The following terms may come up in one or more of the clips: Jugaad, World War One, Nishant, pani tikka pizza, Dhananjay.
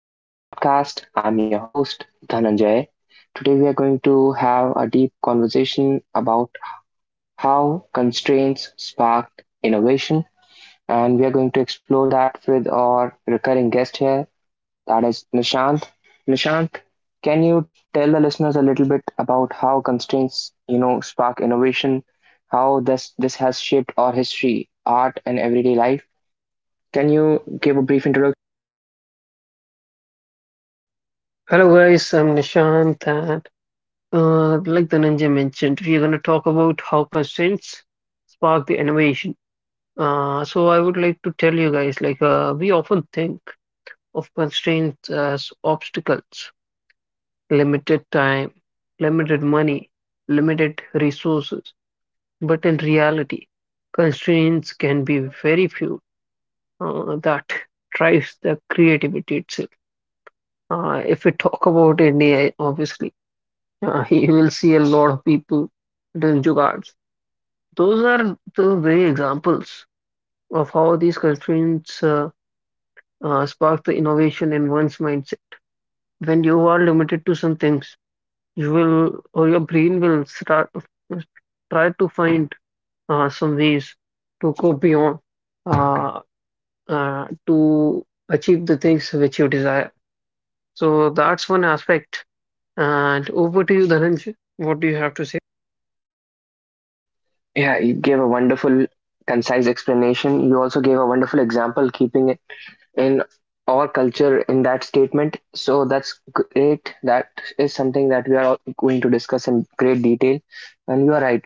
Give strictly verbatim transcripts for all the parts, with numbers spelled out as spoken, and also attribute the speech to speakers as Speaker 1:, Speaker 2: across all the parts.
Speaker 1: to today's podcast. I'm your host, Dhananjay. Today, we are going to have a deep conversation about how constraints spark innovation, and we are going to explore that with our recurring guest here, that is Nishant. Nishant, can you tell the listeners a little bit about how constraints, you know, spark innovation, how this this has shaped our history, art, and everyday life? Can you give a brief introduction?
Speaker 2: Hello guys, I'm Nishant and uh, like the ninja mentioned, we are going to talk about how constraints spark the innovation. Uh, so I would like to tell you guys, like uh, we often think of constraints as obstacles, limited time, limited money, limited resources. But in reality, constraints can be very few uh, that drives the creativity itself. Uh, if we talk about India, obviously. Uh, he he will see a lot of people doing jugards. Those are the very examples of how these constraints uh, uh, spark the innovation in one's mindset. When you are limited to some things, you will or your brain will start try to find uh, some ways to go beyond uh, uh, to achieve the things which you desire. So that's one aspect. And over to you, Dhananjay. What do you have to say?
Speaker 1: Yeah, you gave a wonderful, concise explanation. You also gave a wonderful example, keeping it in our culture in that statement. So that's great. That is something that we are all going to discuss in great detail. And you are right.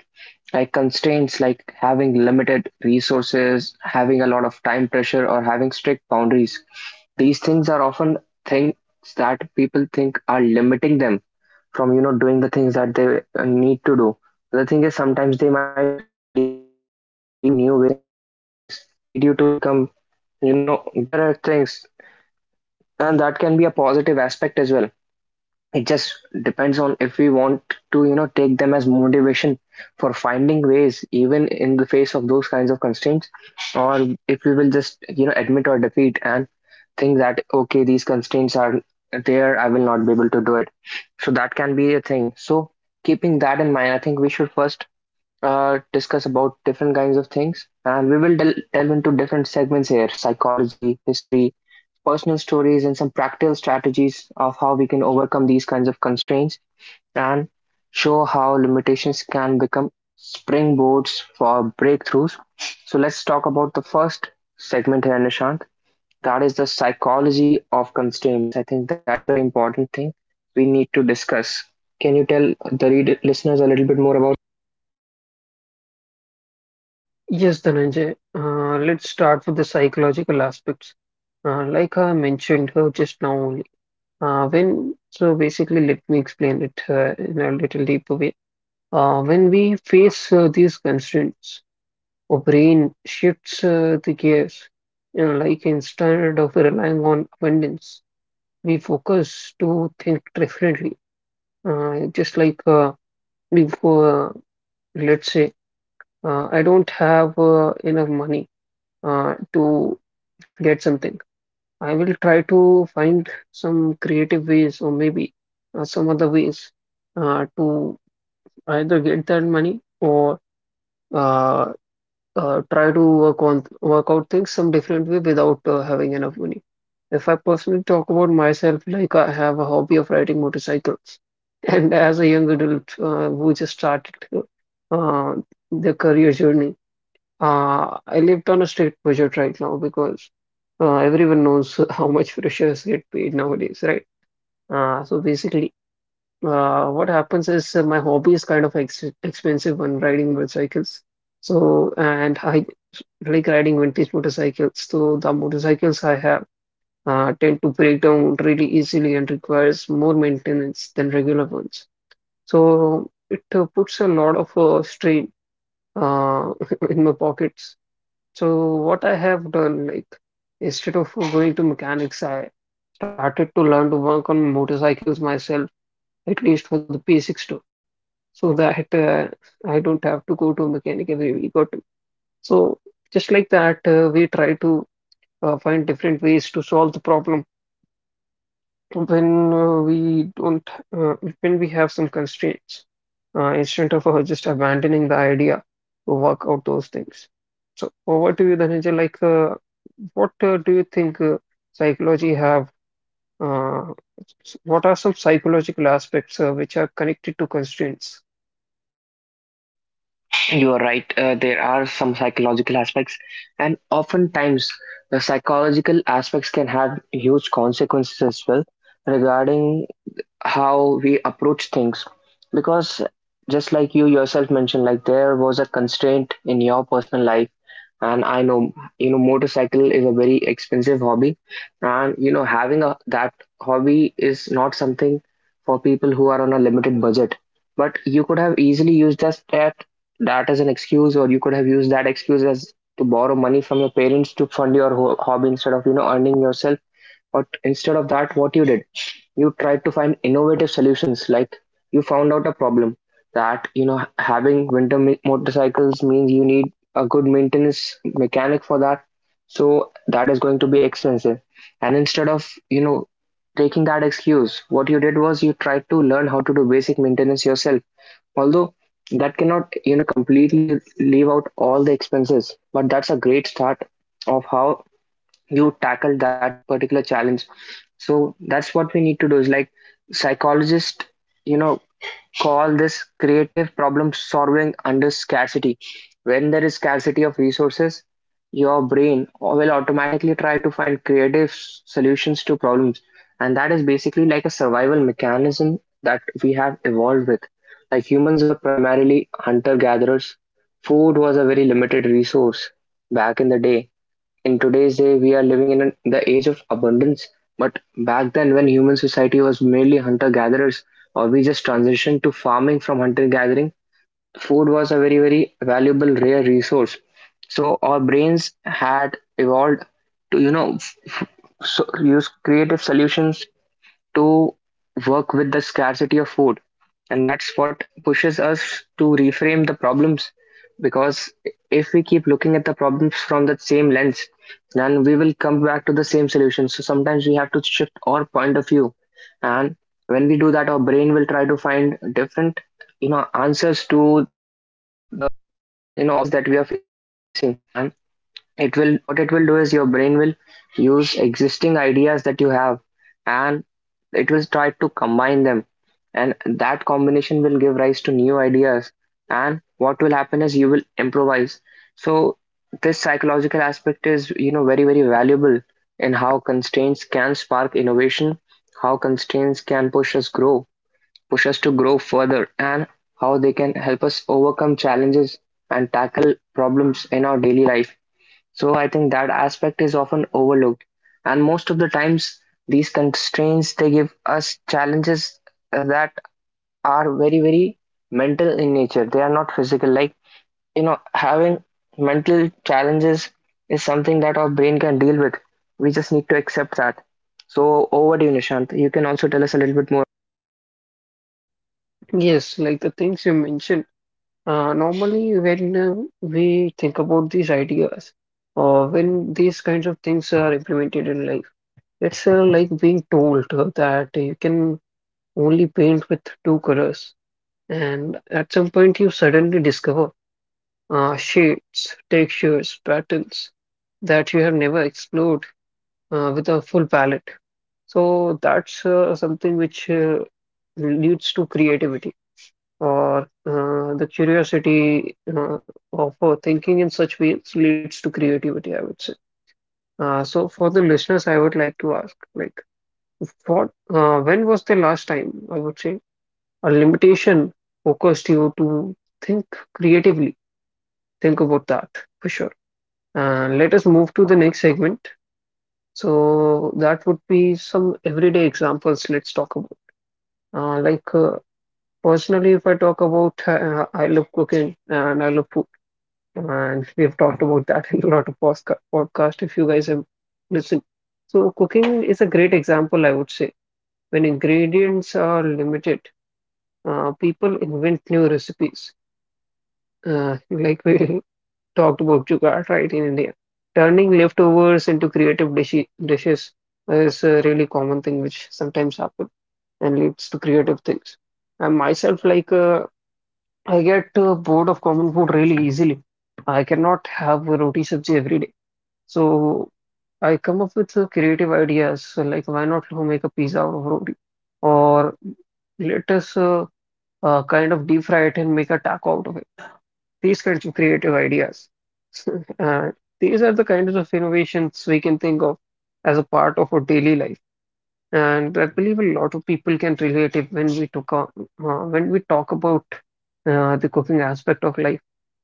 Speaker 1: Like constraints, like having limited resources, having a lot of time pressure, or having strict boundaries. These things are often things that people think are limiting them from you know doing the things that they uh, need to do. The thing is, sometimes they might lead you to new ways of doing the things, they might lead you to become, you know better at things, and that can be a positive aspect as well. It just depends on if we want to, you know take them as motivation for finding ways even in the face of those kinds of constraints, or if we will just, you know admit our defeat and think that okay, these constraints are there, I will not be able to do it. So that can be a thing. So keeping that in mind, I think we should first uh, discuss about different kinds of things, and we will del- delve into different segments here: psychology, history, personal stories, and some practical strategies of how we can overcome these kinds of constraints and show how limitations can become springboards for breakthroughs. So let's talk about the first segment here, Nishant, that is the psychology of constraints. I think that is very important thing we need to discuss. Can you tell the read- listeners a little bit more about?
Speaker 2: Yes, Dhananjay. Uh, let's start with the psychological aspects. Uh, like I mentioned uh, just now only. Uh, when so basically, let me explain it uh, in a little deeper way. Uh, when we face uh, these constraints, our brain shifts uh, the gears. You know, like instead of relying on abundance, we focus to think differently. Uh, just like uh, before, let's say, uh, I don't have uh, enough money uh, to get something. I will try to find some creative ways or maybe uh, some other ways uh, to either get that money or uh, uh, try to work on work out things some different way without uh, having enough money. If I personally talk about myself, like I have a hobby of riding motorcycles, and as a young adult uh, who just started uh, their career journey, uh, I lived on a state budget right now because uh, everyone knows how much freshers get paid nowadays, right? Uh, so basically, uh, what happens is uh, my hobby is kind of ex expensive when riding motorcycles. So, and I like riding vintage motorcycles. So the motorcycles I have uh, tend to break down really easily and requires more maintenance than regular ones. So it uh, puts a lot of uh, strain uh, in my pockets. So what I have done, like instead of going to mechanics, I started to learn to work on motorcycles myself, at least for the basics too, so that uh, I don't have to go to a mechanic every week or two. So just like that, uh, we try to uh, find different ways to solve the problem when uh, we don't uh, when we have some constraints uh, instead of uh, just abandoning the idea to work out those things. So over to you, Dhananjay. like uh, what uh, do you think uh, psychology have uh, s- what are some psychological aspects uh, which are connected to constraints?
Speaker 1: You are right. Uh, there are some psychological aspects, and oftentimes the psychological aspects can have huge consequences as well regarding how we approach things. Because just like you yourself mentioned, like there was a constraint in your personal life, and I know, you know motorcycle is a very expensive hobby, and you know having a that hobby is not something for people who are on a limited budget. But you could have easily used just that that as an excuse, or you could have used that excuse as to borrow money from your parents to fund your ho- hobby instead of, you know earning yourself. But instead of that, what you did, you tried to find innovative solutions, like you found out a problem that, you know having winter mi- motorcycles means you need a good maintenance mechanic for that. So that is going to be expensive. And instead of, you know taking that excuse, what you did was you tried to learn how to do basic maintenance yourself. Although that cannot, you know completely leave out all the expenses, but that's a great start of how you tackle that particular challenge. So that's what we need to do. Is like psychologists, you know call this creative problem solving under scarcity. When there is scarcity of resources, your brain will automatically try to find creative s- solutions to problems. And that is basically like a survival mechanism that we have evolved with. Like, humans were primarily hunter gatherers, food was a very limited resource back in the day. In today's day, we are living in an, the age of abundance. But back then, when human society was merely hunter gatherers, or we just transitioned to farming from hunter gathering, food was a very, very valuable, rare resource. So our brains had evolved to, you know, f- so use creative solutions to work with the scarcity of food. And that's what pushes us to reframe the problems. Because if we keep looking at the problems from the same lens, then we will come back to the same solution. So sometimes we have to shift our point of view, and when we do that, our brain will try to find different, you know answers to the, you know obstacles that we are facing. And it will, what it will do is your brain will use existing ideas that you have, and it will try to combine them, and that combination will give rise to new ideas, and what will happen is you will improvise. So this psychological aspect is, you know very, very valuable in how constraints can spark innovation, how constraints can push us grow push us to grow further, and how they can help us overcome challenges and tackle problems in our daily life. So I think that aspect is often overlooked. And most of the times, these constraints, they give us challenges that are very, very mental in nature. They are not physical. Like, you know, having mental challenges is something that our brain can deal with. We just need to accept that. So over to you, Nishant. You can also tell us a little bit more.
Speaker 2: Yes, like the things you mentioned. uh, normally when uh, we think about these ideas or when these kinds of things are implemented in life, it's uh, like being told uh, that you can only paint with two colors, and at some point you suddenly discover uh, shades, textures, patterns that you have never explored uh, with a full palette. So that's uh, something which uh, leads to creativity, or uh, the curiosity uh, of uh, thinking in such ways leads to creativity, I would say. Uh, so for the listeners, I would like to ask, like, what, uh, when was the last time, I would say, a limitation focused you to think creatively? Think about that for sure. And let us move to the next segment. So that would be some everyday examples. Let's talk about. Uh, like uh, personally, if I talk about, uh, I love cooking and I love food, and we've talked about that in a lot of posca- podcast. If you guys have listened, so cooking is a great example, I would say. When ingredients are limited, uh, people invent new recipes, uh, like we talked about Jugaad, right, in India. Turning leftovers into creative dishi dishes is a really common thing which sometimes happen and leads to creative things. And myself, like, uh, I get uh, bored of common food really easily. I cannot have a roti sabji every day. So I come up with uh, creative ideas, so like why not to make a pizza out of roti? Or let us uh, uh, kind of deep fry it and make a taco out of it. These kinds of creative ideas. Uh, these are the kinds of innovations we can think of as a part of our daily life. And I believe a lot of people can relate it when we talk, uh, when we talk about uh, the cooking aspect of life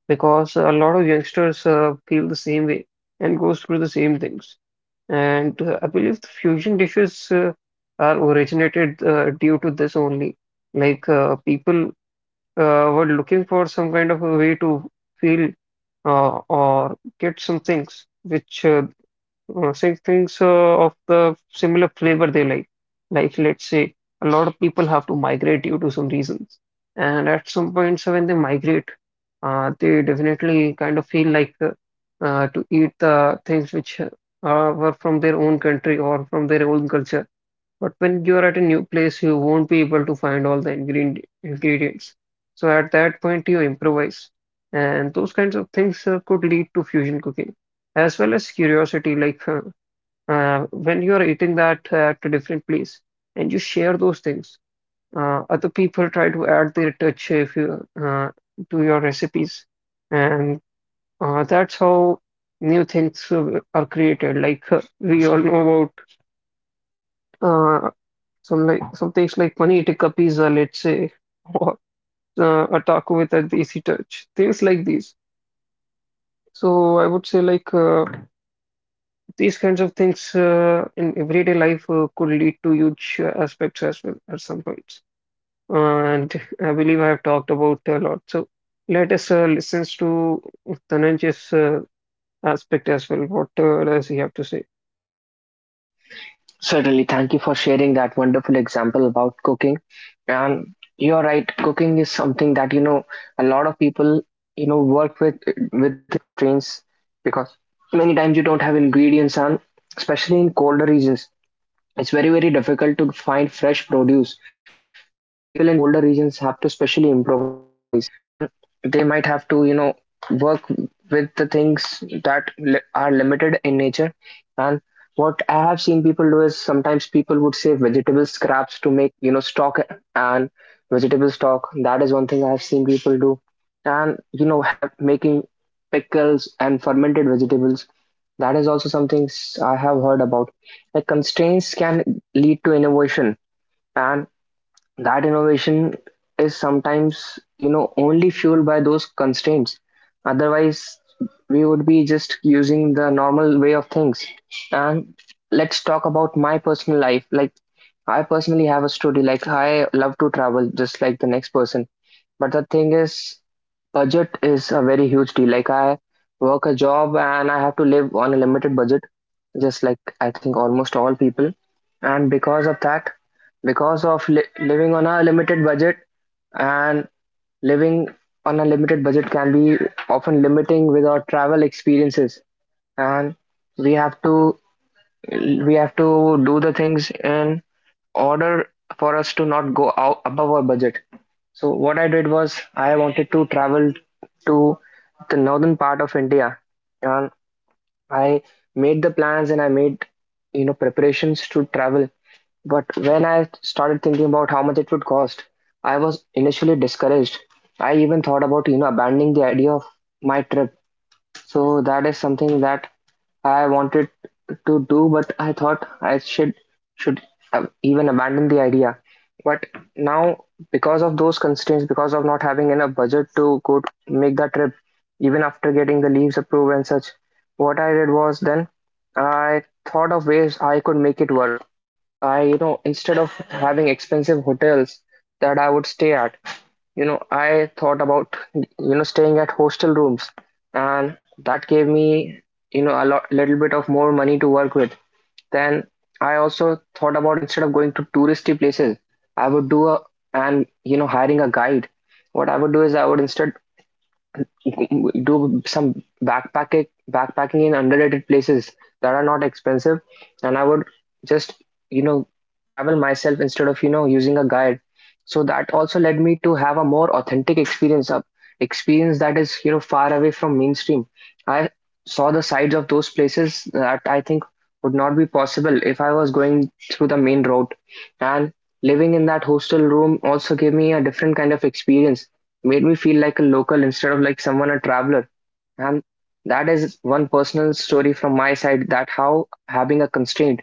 Speaker 2: because a lot of youngsters uh, feel the same way and goes through the same things. And uh, I believe the fusion dishes uh, are originated uh, due to this only. Like uh, people uh, were looking for some kind of a way to feel uh, or get some things which uh, uh, say things uh, of the similar flavor they like. Like, let's say a lot of people have to migrate due to some reasons, and at some points when they migrate, uh, they definitely kind of feel like uh, uh, to eat the things which uh, were from their own country or from their own culture, but when you're at a new place, you won't be able to find all the ingredient ingredients. So at that point, you improvise. And those kinds of things uh, could lead to fusion cooking, as well as curiosity. Like uh, uh, when you are eating that at a different place and you share those things, uh, other people try to add their touch if you uh, to your recipes, and uh, that's how new things uh, are created. Like uh, we all know about, uh, some like some things like pani tikka pizza, let's say, or uh, a taco with a desi touch, things like these. So I would say like uh, these kinds of things uh, in everyday life uh, could lead to huge uh, aspects as well at some points. And I believe I have talked about a lot. So let us uh, listen to Dhananjay's uh, aspect as well. What uh, does he have to say?
Speaker 1: Certainly, thank you for sharing that wonderful example about cooking. And you're right, cooking is something that, you know a lot of people, you know work with with the constraints. Because many times you don't have ingredients, and especially in colder regions, it's very, very difficult to find fresh produce. So people in colder regions have to specially improvise, and they might have to, you know work with the things that li- are limited in nature. And what I have seen people do is sometimes people would save vegetable scraps to make, you know stock, and vegetable stock, that is one thing I have seen people do. And, you know have making pickles and fermented vegetables, that is also something s- I have heard about. Like, constraints can lead to innovation, and that innovation is sometimes, you know, only fueled by those constraints. Otherwise, we would be just using the normal way of things. And let's talk about my personal life. Like, I personally have a story. Like, I love to travel just like the next person, but the thing is, budget is a very huge deal. Like, I work a job and I have to live on a limited budget, just like I think almost all people. And because of that, because of li- living on a limited budget, and living on a limited budget can be often limiting with our travel experiences. And we have to we have to do the things in order for us to not go out above our budget. So what I did was I wanted to travel to the northern part of India, and I made the plans and I made, you know preparations to travel. But when I started thinking about how much it would cost, I was initially discouraged. I even thought about, you know abandoning the idea of my trip. So that is something that I wanted to do, but I thought I should should have even abandon the idea. But now, because of those constraints, because of not having enough budget to go to make that trip, even after getting the leaves approved and such, what I did was then I thought of ways I could make it work. I, you know, instead of having expensive hotels that I would stay at, you know, I thought about, you know, staying at hostel rooms, and that gave me, you know, a lot, little bit of more money to work with. Then I also thought about, instead of going to touristy places, I would do a and you know hiring a guide. What I would do is I would instead do some backpacking backpacking in underrated places that are not expensive and I would just you know travel myself instead of you know using a guide. So that also led me to have a more authentic experience of experience that is, you know, far away from mainstream. I saw the sides of those places that I think would not be possible if I was going through the main road. And living in that hostel room also gave me a different kind of experience, made me feel like a local instead of like someone a traveler. And that is one personal story from my side, that how having a constraint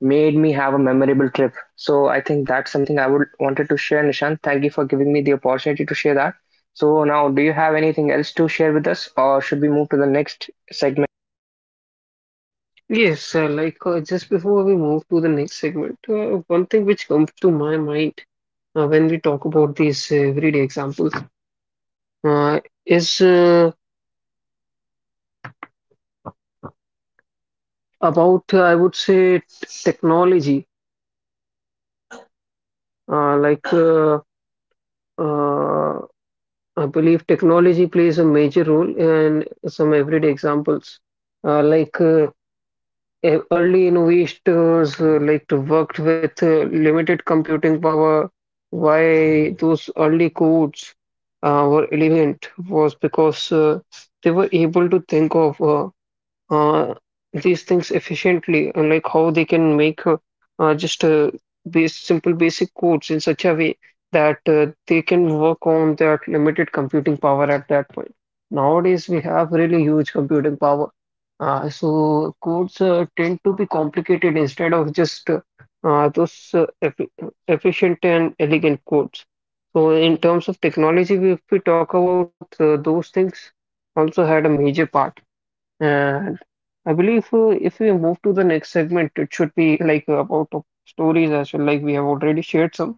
Speaker 1: made me have a memorable trip. So I think that's something I would wanted to share. Nishant, thank you for giving me the opportunity to share that. So now, do you have anything else to share with us, or should we move to the next segment?
Speaker 2: Yes, uh, like uh, just before we move to the next segment, uh, one thing which comes to my mind uh, when we talk about these uh, everyday examples uh, is uh, about uh, I would say t- technology. Uh, like uh, uh, I believe technology plays a major role in some everyday examples. Uh, like uh, e- early innovators uh, like to worked with uh, limited computing power. Why those early codes uh, were relevant was because uh, they were able to think of. Uh, uh, these things efficiently and like how they can make uh, uh, just uh, base simple basic codes in such a way that uh, they can work on that limited computing power at that point. Nowadays, we have really huge computing power. Uh, so codes uh, tend to be complicated instead of just uh, uh, those uh, effi- efficient and elegant codes. So in terms of technology, we- if we talk about uh, those things, also had a major part. Uh, I believe uh, if we move to the next segment, it should be like uh, about of stories as well. Like we have already shared some,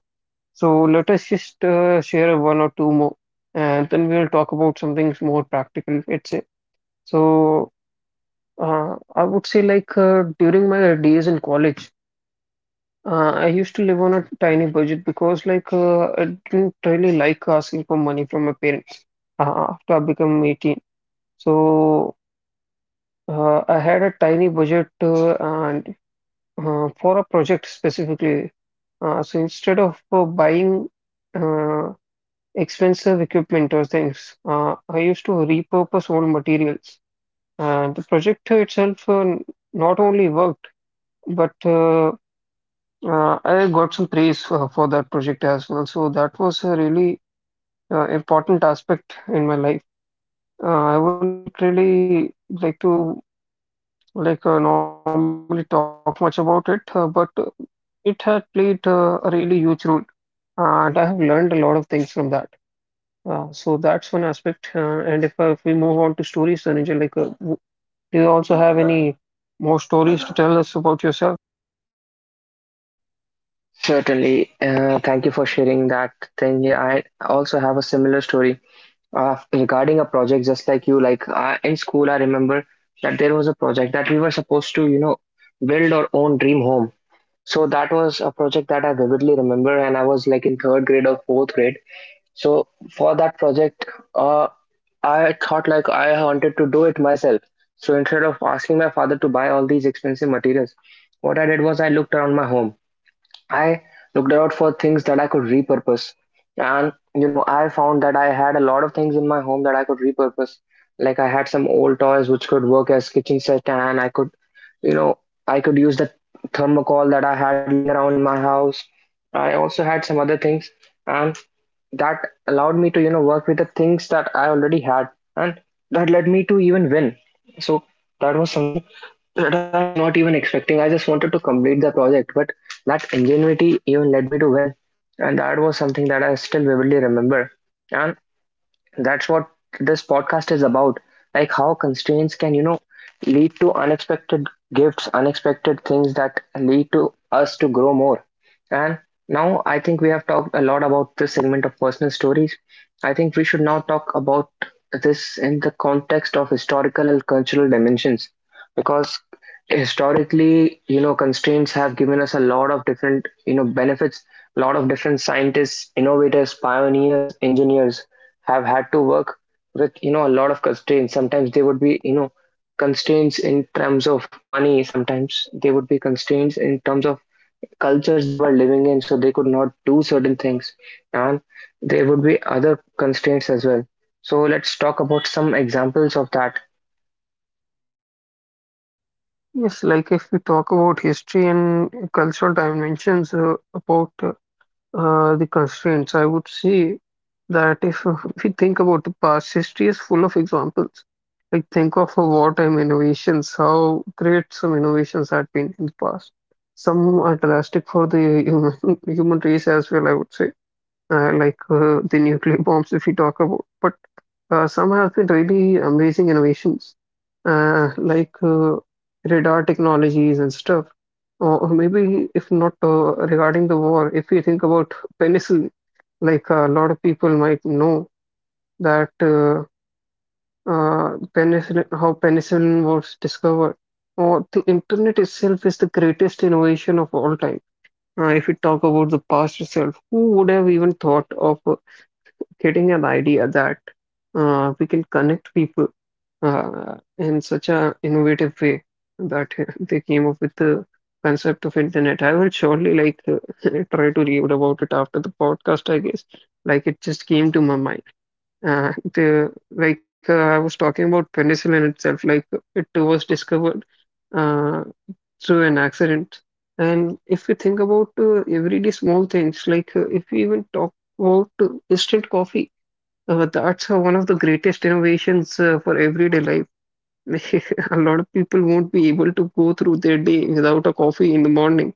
Speaker 2: so let us just uh, share one or two more, and then we'll talk about something more practical. Let's say. So uh, I would say like uh, during my days in college, uh, I used to live on a tiny budget because like uh, I didn't really like asking for money from my parents uh, after I became eighteen. So uh, I had a tiny budget uh, and uh, for a project specifically. Uh, so instead of uh, buying uh, expensive equipment or things, uh, I used to repurpose old materials. And the project itself uh, n- not only worked, but uh, uh, I got some praise for, for that project as well. So that was a really uh, important aspect in my life. Uh, I won't really like to like uh, normally talk much about it, uh, but uh, it had played uh, a really huge role. And I have learned a lot of things from that. Uh, so that's one aspect. Uh, and if, uh, if we move on to stories, then Angel, like, uh, w- do you also have any more stories to tell us about yourself?
Speaker 1: Certainly. Uh, thank you for sharing that thing. Yeah, I also have a similar story uh, regarding a project, just like you. Like, uh, in school I remember that there was a project that we were supposed to, you know, build our own dream home. So that was a project that I vividly remember, and I was like in third grade or fourth grade. So for that project, uh, I thought like I wanted to do it myself. So instead of asking my father to buy all these expensive materials, what I did was I looked around my home. I looked out for things that I could repurpose. And you know, I found that I had a lot of things in my home that I could repurpose. Like I had some old toys which could work as kitchen set, and I could, you know, I could use the thermocol that I had laying around in my house. I also had some other things, and that allowed me to, you know, work with the things that I already had, and that led me to even win. So that was something that I was not even expecting. I just wanted to complete the project, but that ingenuity even led me to win, and that was something that I still vividly remember. And that's what this podcast is about. Like how constraints can, you know, lead to unexpected gifts, unexpected things that lead to us to grow more. And now I think we have talked a lot about this segment of personal stories. I think we should now talk about this in the context of historical and cultural dimensions, because historically, you know, constraints have given us a lot of different, you know, benefits. A lot of different scientists, innovators, pioneers, engineers, have had to work with, you know, a lot of constraints. Sometimes they would be, you know, constraints in terms of money, sometimes they would be constraints in terms of cultures they were living in, so they could not do certain things, and there would be other constraints as well. So let's talk about some examples of that.
Speaker 2: Yes, like if we talk about history and cultural dimensions uh, about uh, Uh, the constraints, I would say that we think about the past, history is full of examples. Like think of wartime innovations, how great some innovations had been in the past. Some are drastic for the human human race as well, I would say, uh, like uh, the nuclear bombs if we talk about. But uh, some have been really amazing innovations, uh, like uh, radar technologies stuff. Or, or maybe, if not uh, regarding the war, if we think about penicillin, like a lot of people might know that uh, uh, penicillin, how penicillin was discovered, or the internet itself is the greatest innovation of all time. Uh, if we talk about the past itself, who would have even thought of uh, getting an idea that uh, we can connect people? Uh, in such a innovative way that they came up with the concept of internet. I will surely like uh, try to read about it after the podcast, I guess. Like it just came to my mind. Uh, the like uh, I was talking about penicillin itself, like it was discovered uh, through an accident. And if we think about uh, everyday small things, like uh, if we even talk about uh, instant coffee, uh, that's uh, one of the greatest innovations uh, for everyday life. A lot of people won't be able to go through their day without a coffee in the morning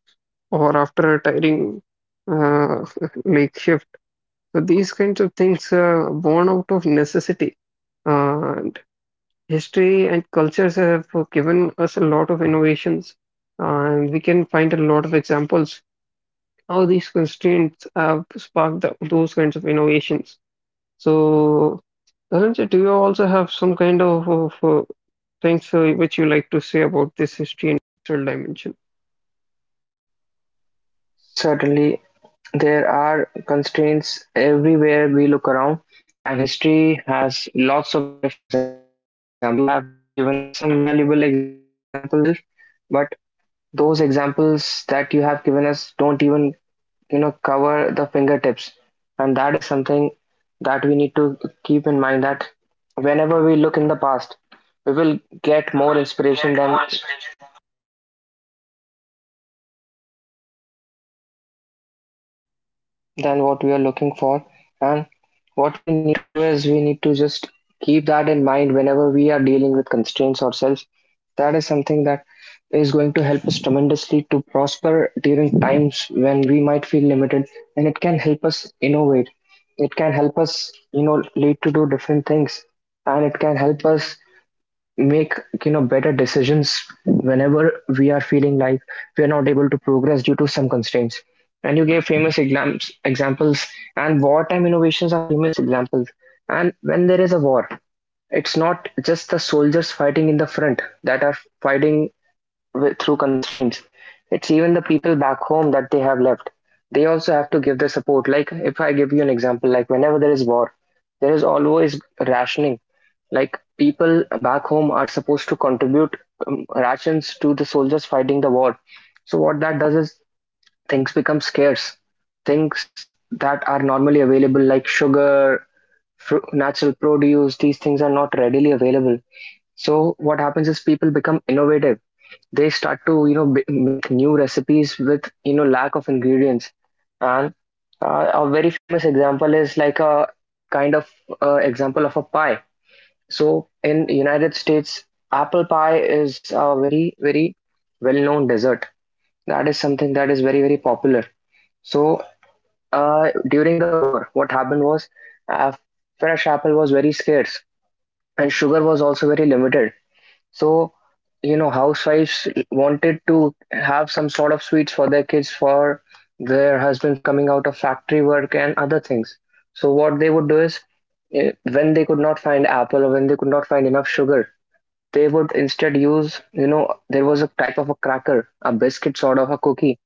Speaker 2: or after a tiring uh, like shift. So these kinds of things are born out of necessity. Uh, And history and cultures have given us a lot of innovations, uh, and we can find a lot of examples how these constraints have sparked the, those kinds of innovations. So, Dhananjay, do you also have some kind of, of uh, things uh, which you like to say about this history?
Speaker 1: Certainly, there are constraints everywhere we look around, and history has lots of different examples. You have given us some valuable examples yourself, but those examples that you have given us don't even, you know, cover the fingertips. And that is something that we need to keep in mind, that whenever we look in the past, we will get more inspiration than than what we are looking for. And what we need to do is we need to just keep that in mind whenever we are dealing with constraints ourselves. That is something that is going to help us tremendously to prosper during times when we might feel limited, and it can help us innovate. It can help us, you know, lead to do different things, and it can help us make, you know, better decisions whenever we are feeling like we are not able to progress due to some constraints. And you gave famous exams, examples, and wartime innovations are famous examples. And when there is a war, it's not just the soldiers fighting in the front that are fighting wi- through constraints. It's even the people back home that they have left. They also have to give the support. Like, if I give you an example, like whenever there is war, there is always rationing. Like, people back home are supposed to contribute um, rations to the soldiers fighting the war. So, what that does is things become scarce. Things that are normally available, like sugar, fru- natural produce, these things are not readily available. So, what happens is people become innovative. They start to, you know, b- make new recipes with, you know, lack of ingredients. And uh, a very famous example is like a kind of uh, example of a pie. So in United States, apple pie is a very, very well known dessert. That is something that is very, very popular. So uh, during the war what happened was uh, fresh apple was very scarce, and sugar was also very limited. So, you know, housewives wanted to have some sort of sweets for their kids, for their husbands coming out of factory work and other things. So, what they would do is, eh, when they could not find apple or when they could not find enough sugar, they would instead use, you know, there was a type of a cracker, a biscuit sort of a cookie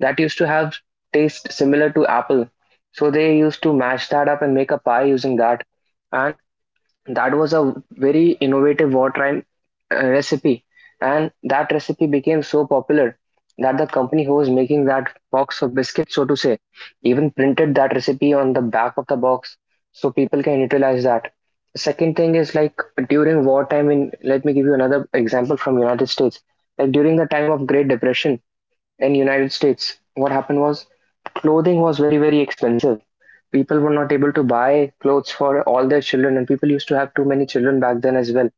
Speaker 1: that used to have taste similar to apple. So, they used to mash that up and make a pie using that. And that was a very innovative wartime uh, recipe, and that recipe became so popular that the company who was making that box of biscuits, so to say, even printed that recipe on the back of the box so people can utilize that. Second thing is like during wartime in, let me give you another example from United States. Like during the time of Great Depression, in United States, what happened was clothing was very, very expensive. People were not able to buy clothes for all their children, and people used to have too many children back then as well.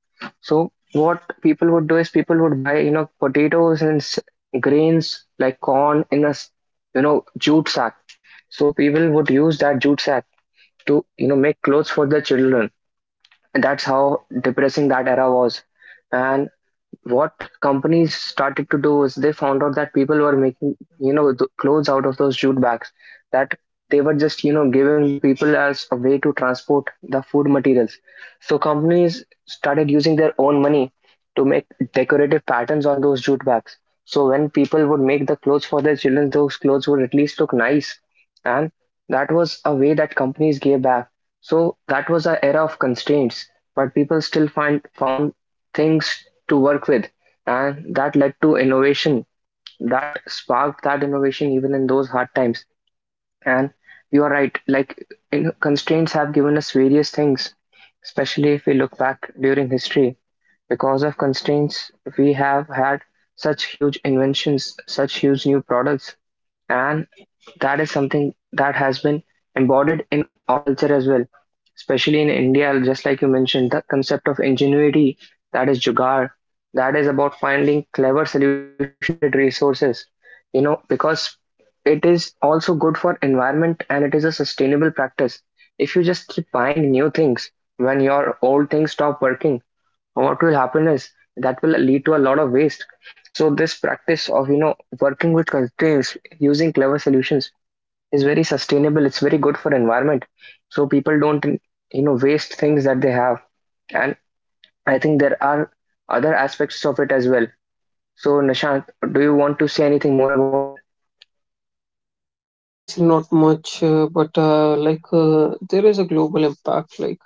Speaker 1: So what people would do is people would buy, you know, potatoes and s- grains like corn in a s- you know, jute sack. So people would use that jute sack to, you know, make clothes for their children, and that's how depressing that era was. And what companies started to do is they found out that people were making, you know, the clothes out of those jute bags that they were just, you know, giving the people as a way to transport the food materials. So companies started using their own money to make decorative patterns on those jute bags, so when people would make the clothes for their children, those clothes would at least look nice. And that was a way that companies gave back. So that was an era of constraints, but people still find found things to work with, and that led to innovation. That sparked that innovation even in those hard times. And you are right, like in, constraints have given us various things, especially if we look back during history. Because of constraints, we have had such huge inventions, such huge new products. And that is something that has been embodied in our culture as well, especially in India, just like you mentioned, the concept of ingenuity, that is jugaad, that is about finding clever solutions with limited resources. You know, because it is also good for environment and it is a sustainable practice. If you just keep buying new things when your old things stop working, what will happen is that will lead to a lot of waste. So this practice of, you know, working with constraints using clever solutions is very sustainable, it's very good for environment, so people don't, you know, waste things that they have. And I think there are other aspects of it as well. So Nishant, do you want to say anything more about it?
Speaker 2: Yes, not much, uh, but uh, like uh, there is a global impact, like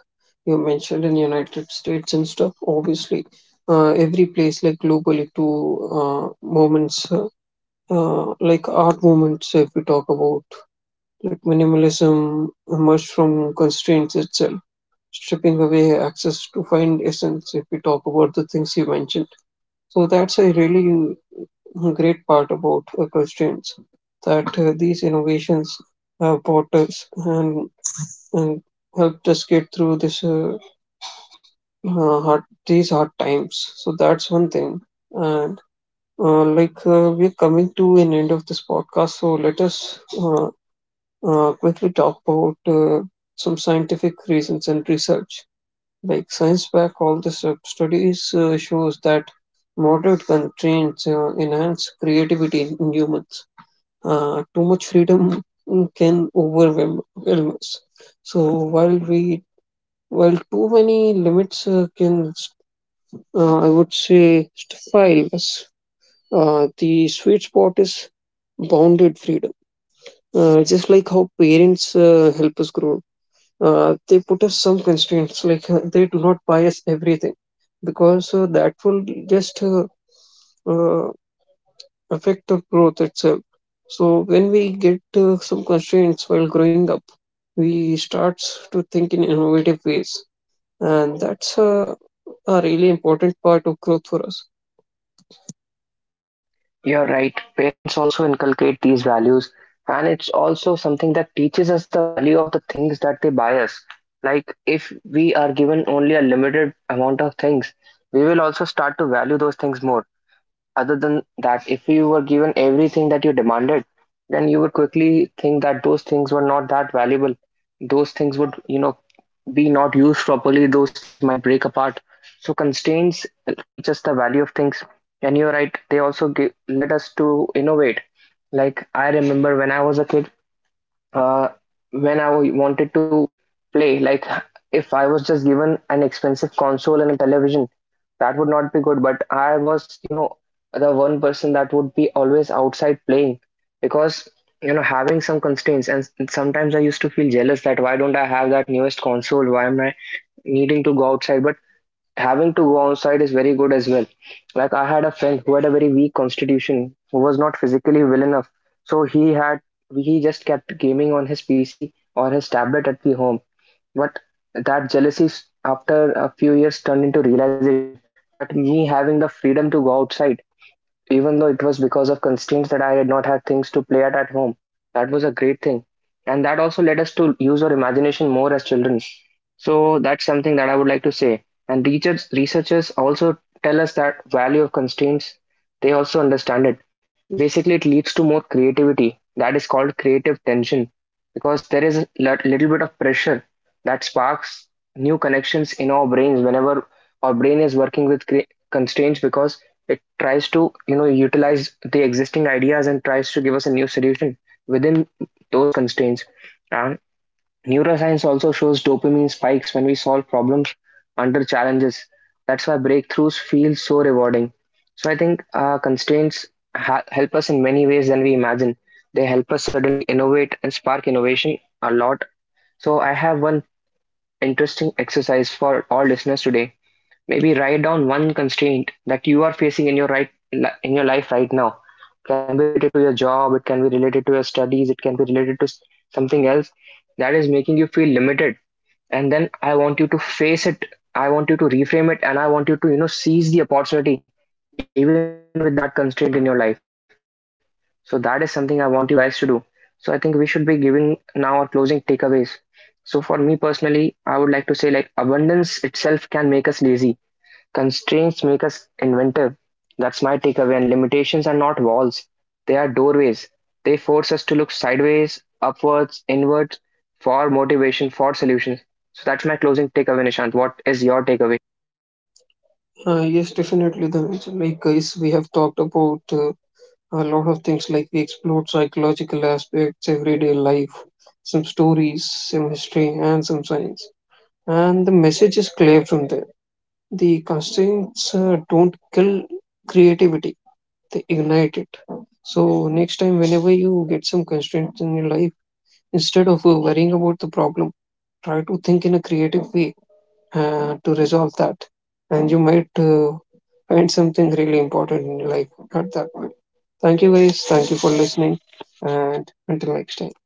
Speaker 2: you mentioned in United States and stuff. Obviously, uh, every place like globally to uh, moments uh, uh, like art movements. If we talk about like minimalism emerged from constraints itself, stripping away access to find essence. If we talk about the things you mentioned, so that's a really great part about uh, constraints that uh, these innovations have brought us and, and helped us get through this uh, uh, hard these hard times. So that's one thing. And uh, like uh, we're coming to an end of this podcast, so let us uh, uh, quickly talk about uh, some scientific reasons and research. Like science back all this up, studies uh, shows that moderate constraints uh, enhance creativity in humans. Uh, too much freedom can overwhelm overwhelm us. So while we while too many limits uh, can, uh, I would say, stifle us, uh, the sweet spot is bounded freedom. Uh, just like how parents uh, help us grow, uh, they put us some constraints. Like uh, they do not buy us everything, because uh, that will just uh, uh, effect of growth itself. So when we get uh, some constraints while growing up, we start to think in innovative ways, and that's uh, a really important part of growth for us.
Speaker 1: You're right. Parents also inculcate these values, and it's also something that teaches us the value of the things that they buy us. Like, if we are given only a limited amount of things, we will also start to value those things more. Other than that, if you were given everything that you demanded, then you would quickly think that those things were not that valuable. Those things would, you know, be not used properly. Those things might break apart. So constraints teach us the value of things. And you're right, they also give, led us to innovate. Like I remember when I was a kid, uh, when I wanted to play. Like, if I was just given an expensive console and a television, that would not be good. But I was, you know, the one person that would be always outside playing, because, you know, having some constraints. And sometimes I used to feel jealous that why don't I have that newest console? Why am I needing to go outside? But having to go outside is very good as well. Like I had a friend who had a very weak constitution, who was not physically well enough, so he had he just kept gaming on his P C or his tablet at the home. But that jealousy s- after a few years turned into realization that me having the freedom to go outside, even though it was because of constraints that I did not have things to play at at home, that was a great thing. And that also led us to use our imagination more as children. So that's something that I would like to say. And research, researchers also tell us that value of constraints, they also understand it. Basically, it leads to more creativity. That is called creative tension, because there is a lit- little bit of pressure that sparks new connections in our brains whenever our brain is working with cre- constraints, because it tries to, you know, utilize the existing ideas and tries to give us a new solution within those constraints. And neuroscience also shows dopamine spikes when we solve problems under challenges. That's why breakthroughs feel so rewarding. So I think uh, constraints ha- help us in many ways than we imagine. They help us suddenly innovate and spark innovation a lot. So I have one interesting exercise for all listeners today. Maybe write down one constraint that you are facing in your right in your life right now. It can be related to your job, it can be related to your studies, it can be related to something else, that is making you feel limited. And then I want you to face it, I want you to reframe it, and I want you to, you know, seize the opportunity even with that constraint in your life. So that is something I want you guys to do. So I think we should be giving now our closing takeaways. So for me personally, I would like to say, like, abundance itself can make us lazy. Constraints make us inventive. That's my takeaway. And limitations are not walls, they are doorways. They force us to look sideways, upwards, inwards, for motivation, for solutions. So that's my closing takeaway, Nishant. What is your takeaway?
Speaker 2: Uh, yes, definitely. The like Guys, we have talked about uh, a lot of things. Like we explored psychological aspects, everyday life, some stories, some history, and some science. And the message is clear from there. The constraints uh, don't kill creativity, they ignite it. So next time, whenever you get some constraints in your life, instead of uh, worrying about the problem, try to think in a creative way uh, to resolve that, and you might uh, find something really important in your life at that point. Thank you guys. Thank you for listening, and until next time.